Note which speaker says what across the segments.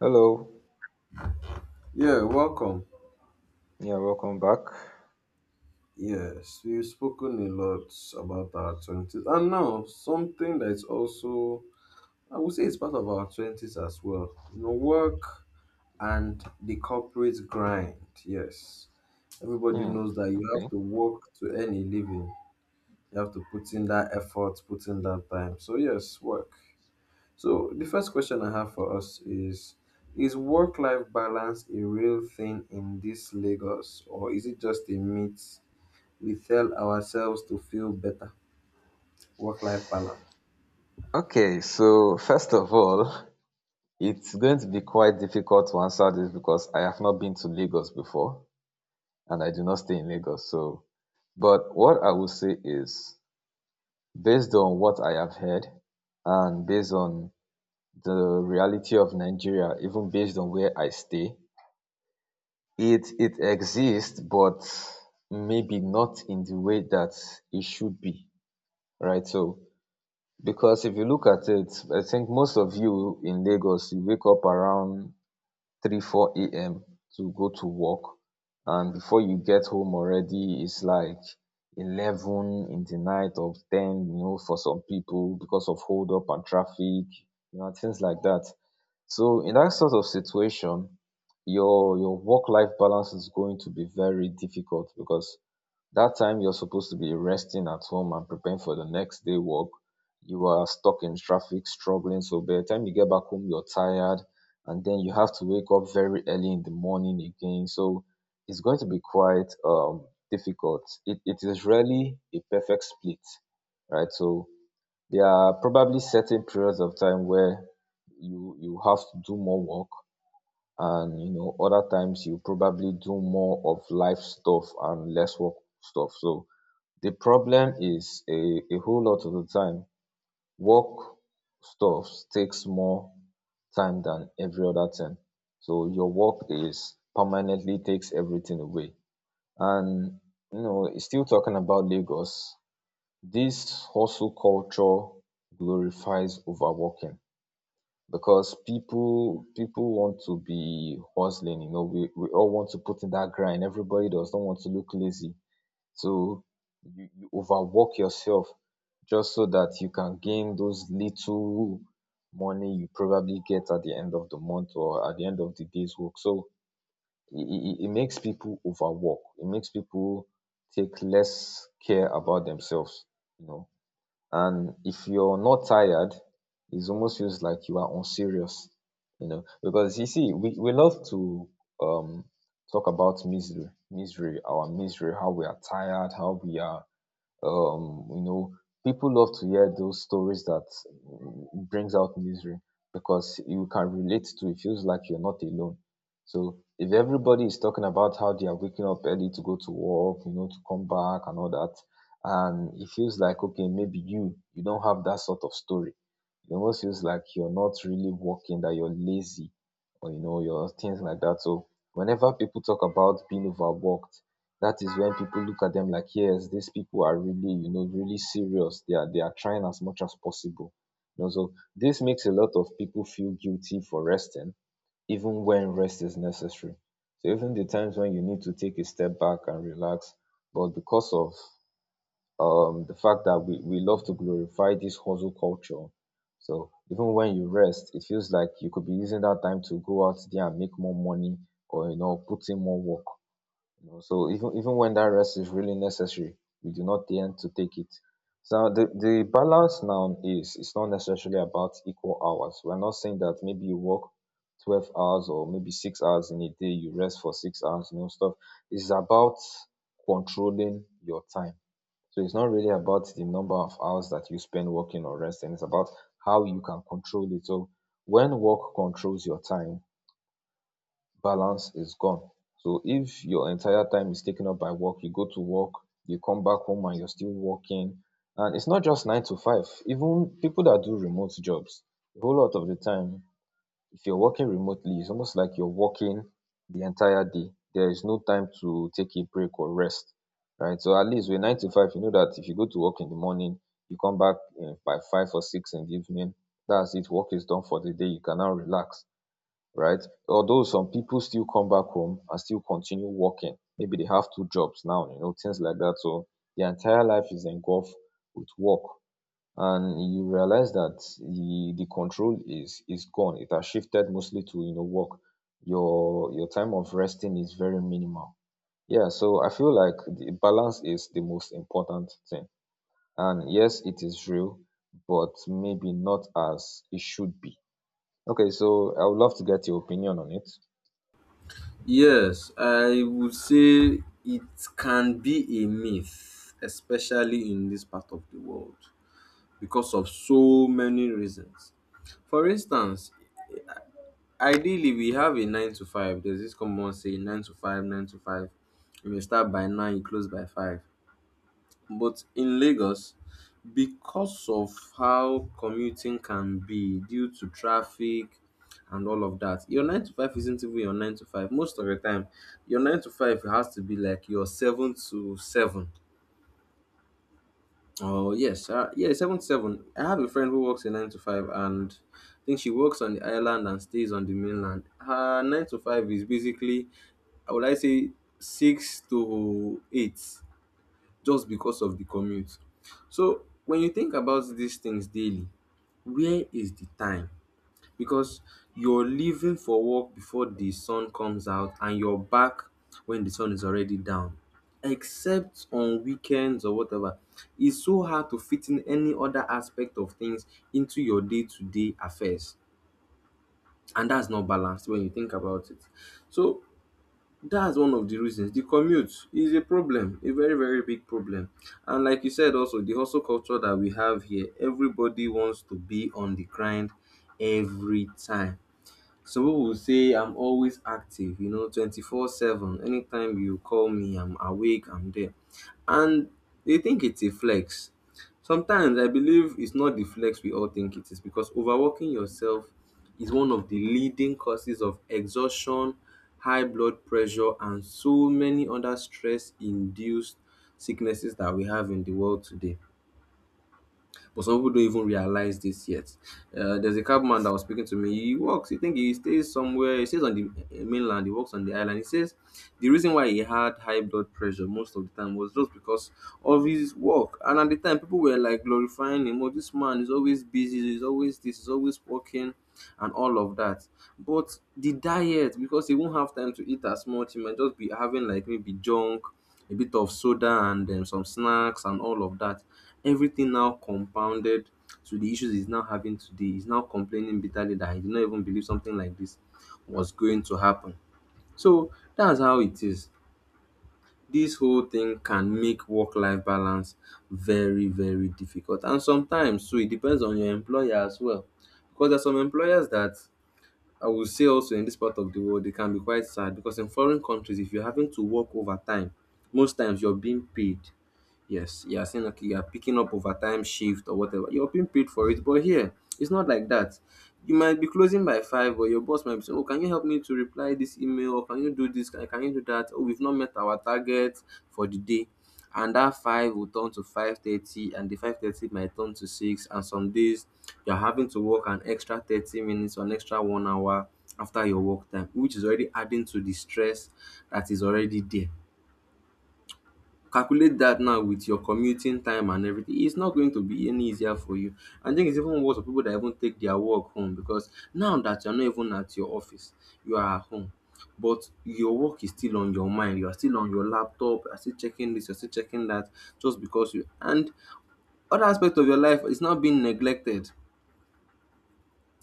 Speaker 1: Hello.
Speaker 2: Yeah, welcome.
Speaker 1: Yeah, welcome back.
Speaker 2: Yes, we've spoken a lot about our 20s. And now, something that's also, I would say it's part of our 20s as well. You know, work and the corporate grind. Yes. Everybody
Speaker 1: Hmm.
Speaker 2: knows that you
Speaker 1: Okay.
Speaker 2: have to work to earn a living. You have to put in that effort, put in that time. So, yes, work. So, the first question I have for us is, work life balance a real thing in this Lagos, or is it just a myth we tell ourselves to feel better? Work life balance.
Speaker 1: Okay. So first of all, it's going to be quite difficult to answer this because I have not been to Lagos before, and I do not stay in Lagos. So, but what I will say is, based on what I have heard, and based on the reality of Nigeria, even based on where I stay, it exists, but maybe not in the way that it should be, right? So because if you look at it, I think most of you in Lagos, you wake up around 3, 4 a.m. to go to work. And before you get home already, it's like 11 in the night or 10, you know, for some people because of hold up and traffic, you know, and things like that. So in that sort of situation, your work life balance is going to be very difficult because that time you're supposed to be resting at home and preparing for the next day work, you are stuck in traffic, struggling. So by the time you get back home, you're tired, and then you have to wake up very early in the morning again. So it's going to be quite difficult. It is really a perfect split, right? So there are probably certain periods of time where you have to do more work, and you know, other times you probably do more of life stuff and less work stuff. So the problem is a whole lot of the time, work stuff takes more time than every other thing. So your work is permanently takes everything away. And you know, still talking about Lagos, this hustle culture glorifies overworking because people want to be hustling. You know, we all want to put in that grind. Everybody does not want to look lazy. So, you overwork yourself just so that you can gain those little money you probably get at the end of the month or at the end of the day's work. So, it e makes people overwork. It makes people take less care about themselves, you know, and if you're not tired, it almost feels like you are unserious, you know. Because you see, we love to um talk about misery, misery, our misery, how we are tired, how we are you know, people love to hear those stories that brings out misery, because you can relate to it, feels like you're not alone. So if everybody is talking about how they are waking up early to go to work, you know, to come back and all that, and it feels like, okay, maybe you don't have that sort of story, it almost feels like you're not really working, that you're lazy, or you know, your things like that. So whenever people talk about being overworked, that is when people look at them like, yes, these people are really, you know, really serious, they are, they are trying as much as possible, you know. So this makes a lot of people feel guilty for resting, even when rest is necessary. So even the times when you need to take a step back and relax, but because of the fact that we love to glorify this hustle culture, so even when you rest, it feels like you could be using that time to go out there and make more money, or you know, put in more work, you know. So even when that rest is really necessary, we do not tend to take it. So the balance now is, it's not necessarily about equal hours. We're not saying that maybe you work 12 hours, or maybe 6 hours in a day you rest for 6 hours, you know, stuff. It's about controlling your time. So it's not really about the number of hours that you spend working or resting, it's about how you can control it. So when work controls your time, balance is gone. So if your entire time is taken up by work, you go to work, you come back home, and you're still working. And it's not just nine to five, even people that do remote jobs, a whole lot of the time, if you're working remotely, it's almost like you're working the entire day, there is no time to take a break or rest, right? So at least with nine to five, you know that if you go to work in the morning, you come back by five or six in the evening, that's it, work is done for the day, you can now relax, right? Although some people still come back home and still continue working. Maybe they have two jobs now, you know, things like that. So their entire life is engulfed with work. And you realize that the control is gone. It has shifted mostly to, you know, work. Your time of resting is very minimal. Yeah, so I feel like the balance is the most important thing. And yes, it is real, but maybe not as it should be. Okay, so I would love to get your opinion on it.
Speaker 2: Yes, I would say it can be a myth, especially in this part of the world, because of so many reasons. For instance, ideally we have a nine to five. There's this common say nine to five, nine to five. You may start by nine, you close by five. But in Lagos, because of how commuting can be due to traffic and all of that, your nine to five isn't even your nine to five. Most of the time, your nine to five has to be like your seven to seven. Oh yes, yeah, seven to seven. I have a friend who works a nine to five, and I think she works on the island and stays on the mainland. Her nine to five is basically, I would like say, six to eight just because of the commute. So when you think about these things daily, where is the time? Because you're leaving for work before the sun comes out and you're back when the sun is already down. Except on weekends or whatever. It's so hard to fit in any other aspect of things into your day to day affairs. And that's not balanced when you think about it. So that's one of the reasons. The commute is a problem, a very, very big problem. And like you said, also, the hustle culture that we have here, everybody wants to be on the grind every time. Some people will say I'm always active, you know, 24/7. Anytime you call me, I'm awake, I'm there. And they think it's a flex. Sometimes I believe it's not the flex we all think it is because overworking yourself is one of the leading causes of exhaustion, high blood pressure, and so many other stress induced sicknesses that we have in the world today, but some people don't even realize this yet. There's a cabman that was speaking to me. He works, he think he stays somewhere, he stays on the mainland, he works on the island. He says the reason why he had high blood pressure most of the time was just because of his work. And at the time, people were like glorifying him. Oh, this man is always busy, he's always this, he's always working and all of that. But the diet, because he won't have time to eat as much, he might just be having like maybe junk, a bit of soda, and some snacks, and all of that. Everything now compounded to the issues he's now having today. He's now complaining bitterly that he did not even believe something like this was going to happen. So that's how it is. This whole thing can make work life balance very, very difficult. And sometimes, so it depends on your employer as well. Because there's some employers that, I will say also in this part of the world, it can be quite sad because in foreign countries if you're having to work overtime most times you're being paid. Yes, you are saying okay, you are picking up overtime shift or whatever. You're being paid for it, but here it's not like that. You might be closing by five, but your boss might be saying, "Oh, can you help me to reply this email? Or can you do this? Can you do that? Oh, we've not met our target for the day." And that five will turn to 5:30, and the 5:30 might turn to six. And some days you're having to work an extra 30 minutes or an extra 1 hour after your work time, which is already adding to the stress that is already there. Calculate that now with your commuting time and everything. It's not going to be any easier for you. I think it's even worse for people that even take their work home, because now that you're not even at your office, you are at home. But your work is still on your mind. You are still on your laptop. You're still checking this. You're still checking that. Just because you and other aspect of your life is not being neglected.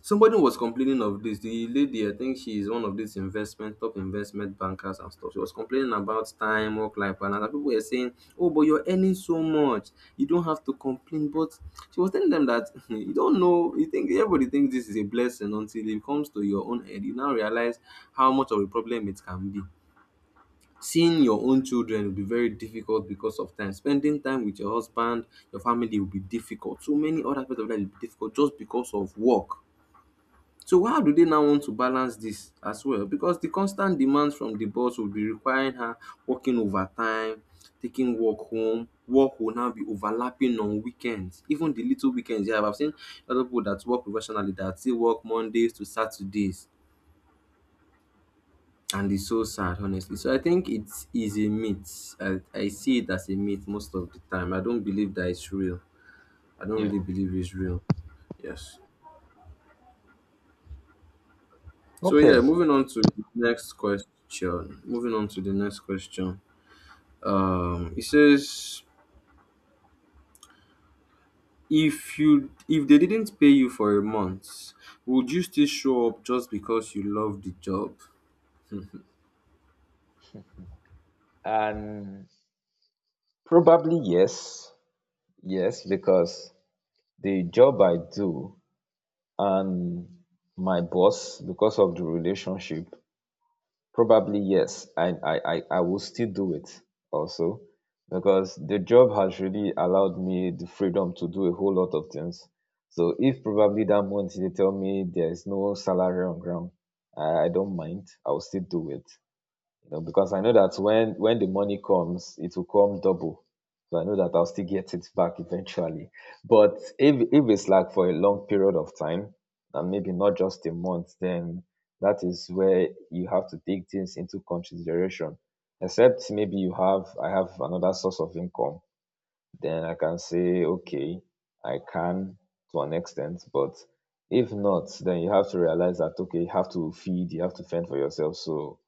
Speaker 2: Somebody was complaining of this. The lady, I think she is one of these investment, top investment bankers and stuff. She was complaining about time, work life balance, and people were saying, "Oh, but you're earning so much, you don't have to complain." But she was telling them that you don't know. You think everybody thinks this is a blessing until it comes to your own head. You now realize how much of a problem it can be. Seeing your own children will be very difficult because of time. Spending time with your husband, your family will be difficult. So many other aspects of life will be difficult just because of work, so how do they now want to balance this as well? Because the constant demands from the boss will be requiring her working overtime, taking work home. Work will now be overlapping on weekends, even the little weekends you have. I've seen other people that work professionally that still work Mondays to Saturdays, and it's so sad, honestly. So I think it is a myth. I see it as a myth most of the time. I don't believe that it's real. I don't
Speaker 1: Yeah.
Speaker 2: really believe it's real. Yes. So yeah,
Speaker 1: Okay.
Speaker 2: moving on to the next question. Moving on to the next question. It says, if they didn't pay you for a month, would you still show up just because you love the job?
Speaker 1: And probably yes. Yes, because the job I do and my boss, because of the relationship, probably yes. I will still do it, also because the job has really allowed me the freedom to do a whole lot of things. So if probably that month they tell me there is no salary on ground, I don't mind. I will still do it, you know, because I know that when the money comes, it will come double. So I know that I'll still get it back eventually. But if it's like for a long period of time, and maybe not just a month, then that is where you have to take things into consideration. Except maybe you have I have another source of income, then I can say okay, I can, to an extent, but if not, then you have to realize that okay, you have to feed, you have to fend for yourself. So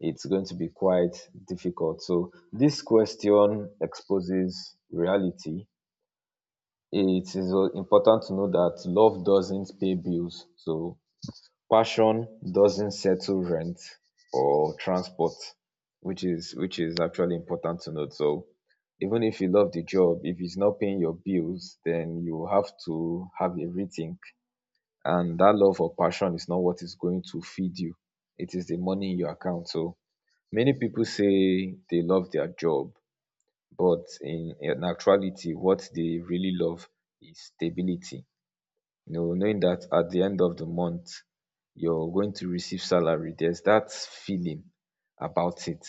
Speaker 1: it's going to be quite difficult. So this question exposes reality. It is important to know that love doesn't pay bills. So passion doesn't settle rent or transport, which is actually important to note. So even if you love the job, if it's not paying your bills, then you have to have a rethink. And that love or passion is not what is going to feed you. It is the money in your account. So many people say they love their job, but in actuality what they really love is stability. You know, knowing that at the end of the month you're going to receive salary. There's that feeling about it.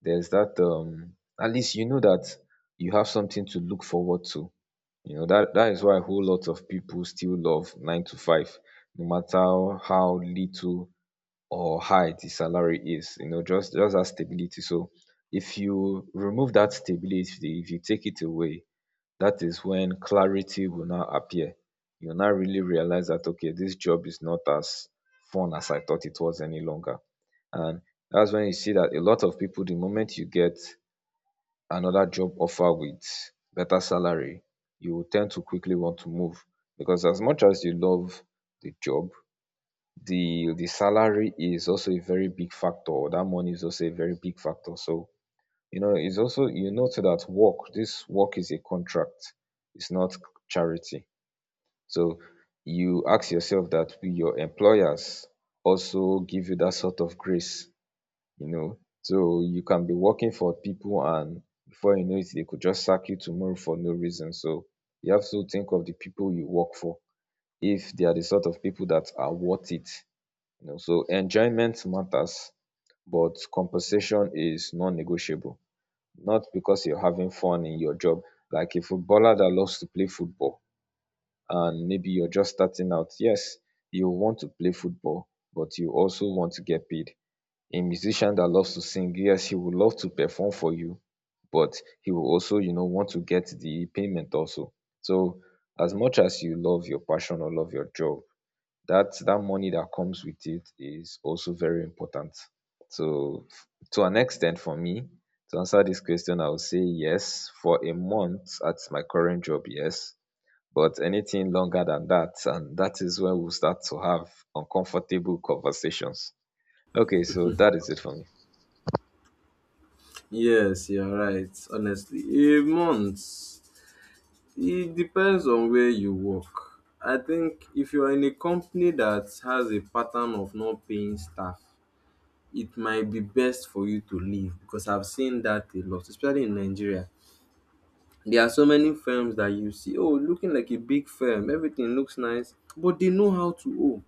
Speaker 1: There's that at least you know that you have something to look forward to. You know that that is why a whole lot of people still love nine to five, no matter how little or high the salary is, you know, just that stability. So if you remove that stability, if you take it away, that is when clarity will now appear. You will now really realize that okay, this job is not as fun as I thought it was any longer. And that's when you see that a lot of people, the moment you get another job offer with better salary, you will tend to quickly want to move, because as much as you love the job, the salary is also a very big factor. That money is also a very big factor. So, you know, it's also you know too that work, this work is a contract, it's not charity. So you ask yourself that will your employers also give you that sort of grace, you know. So you can be working for people and before you know it, they could just sack you tomorrow for no reason. So you have to think of the people you work for. If they are the sort of people that are worth it, you know, so enjoyment matters, but compensation is non-negotiable. Not because you're having fun in your job, like a footballer that loves to play football, and maybe you're just starting out. Yes, you want to play football, but you also want to get paid. A musician that loves to sing, yes, he would love to perform for you, but he will also, you know, want to get the payment also. So as much as you love your passion or love your job, that money that comes with it is also very important. So to an extent for me, to answer this question, I would say yes. For a month at my current job, yes. But anything longer than that, and that is where we start to have uncomfortable conversations. Okay, so that is it for me.
Speaker 2: Yes, you're right. Honestly, a month. It depends on where you work. I think if you are in a company that has a pattern of not paying staff, it might be best for you to leave because I've seen that a lot, especially in Nigeria. There are so many firms that you see, oh, looking like a big firm, everything looks nice, but they know how to owe.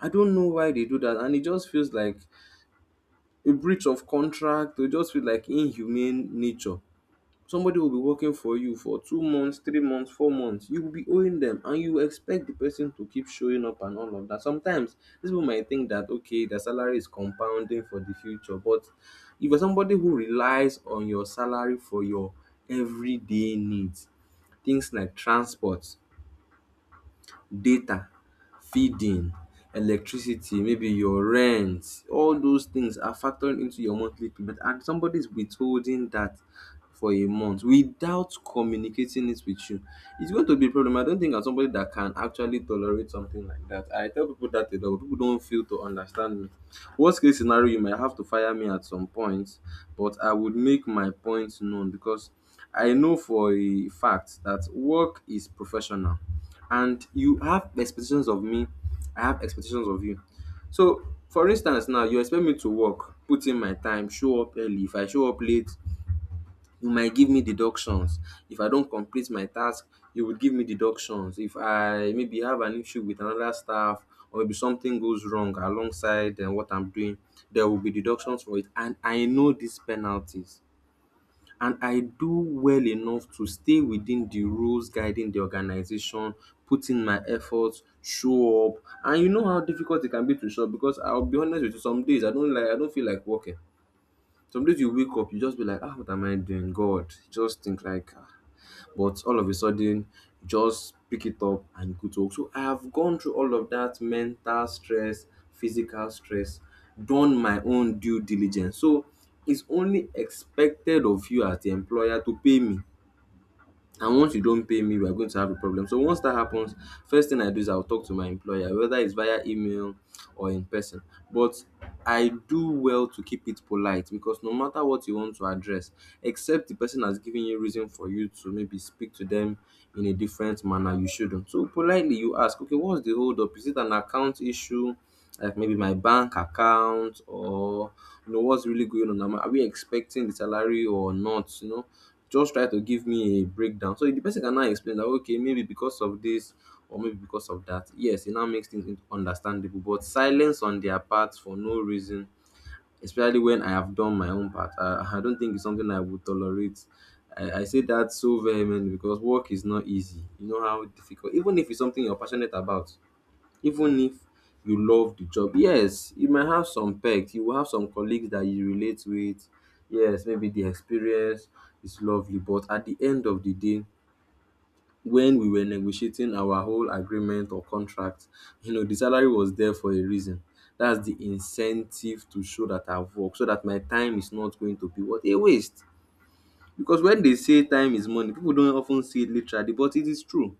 Speaker 2: I don't know why they do that, and it just feels like a breach of contract. It just feels like inhumane nature. Somebody will be working for you for 2 months, 3 months, 4 months. You will be owing them and you expect the person to keep showing up and all of that. Sometimes these people might think that okay, their salary is compounding for the future. But if you're somebody who relies on your salary for your everyday needs, things like transport, data, feeding, electricity, maybe your rent, all those things are factored into your monthly payment and somebody is withholding that for a month without communicating it with you. It's going to be a problem. I don't think I'm somebody that can actually tolerate something like that. I tell people that a lot, but people don't feel to understand me. Worst case scenario, you might have to fire me at some point, but I would make my point known because I know for a fact that work is professional and you have expectations of me, I have expectations of you. So, for instance, now you expect me to work, put in my time, show up early. If I show up late, you might give me deductions. If I don't complete my task, you would give me deductions. If I maybe have an issue with another staff, or maybe something goes wrong alongside what I'm doing, there will be deductions for it, and I know these penalties, and I do well enough to stay within the rules guiding the organization, put in my efforts, show up. And you know how difficult it can be to show up because I'll be honest with you, some days I don't feel like working. Some days you wake up, you just be like, ah, what am I doing? God, just think like ah, but all of a sudden just pick it up and you could talk. So I have gone through all of that mental stress, physical stress, done my own due diligence. So it's only expected of you as the employer to pay me, and once you don't pay me we are going to have a problem. So once that happens, first thing I do is I'll talk to my employer, whether it's via email or in person. But I do well to keep it polite because no matter what you want to address, except the person has given you reason for you to maybe speak to them in a different manner, you shouldn't. So politely you ask, okay, what's the hold up? Is it an account issue like maybe my bank account, or you know what's really going on. Are we expecting the salary or not? You know, just try to give me a breakdown. So the person can now explain that okay, maybe because of this or maybe because of that. Yes, it now makes things understandable. But silence on their part for no reason, especially when I have done my own part, I don't think it's something I would tolerate. I say that so vehemently because work is not easy. You know how difficult, even if it's something you're passionate about, even if you love the job. Yes, you might have some pecs, you will have some colleagues that you relate with. Yes, maybe the experience is lovely, but at the end of the day, when we were negotiating our whole agreement or contract, you know, the salary was there for a reason. That's the incentive to show that I've worked, so that my time is not going to be what a waste. Because when they say time is money, people don't often see it literally, but it is true.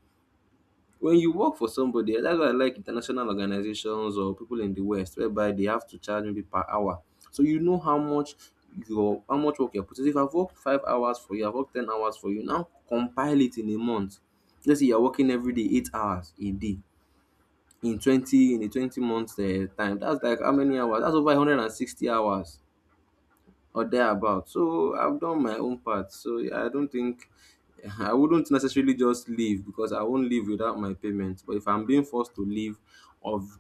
Speaker 2: When you work for somebody, that's why I like international organizations or people in the West whereby they have to charge maybe per hour. So you know how much your how much work you're putting. So if I've worked 5 hours for you, I've worked 10 hours for you, now compile it in a month. Let's say you're working every day 8 hours a day in twenty in a 20 months time. That's like how many hours? That's over 160 hours or thereabout. So I've done my own part. So I don't think, I wouldn't necessarily just leave because I won't leave without my payment. But if I'm being forced to leave, of,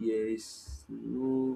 Speaker 2: there is no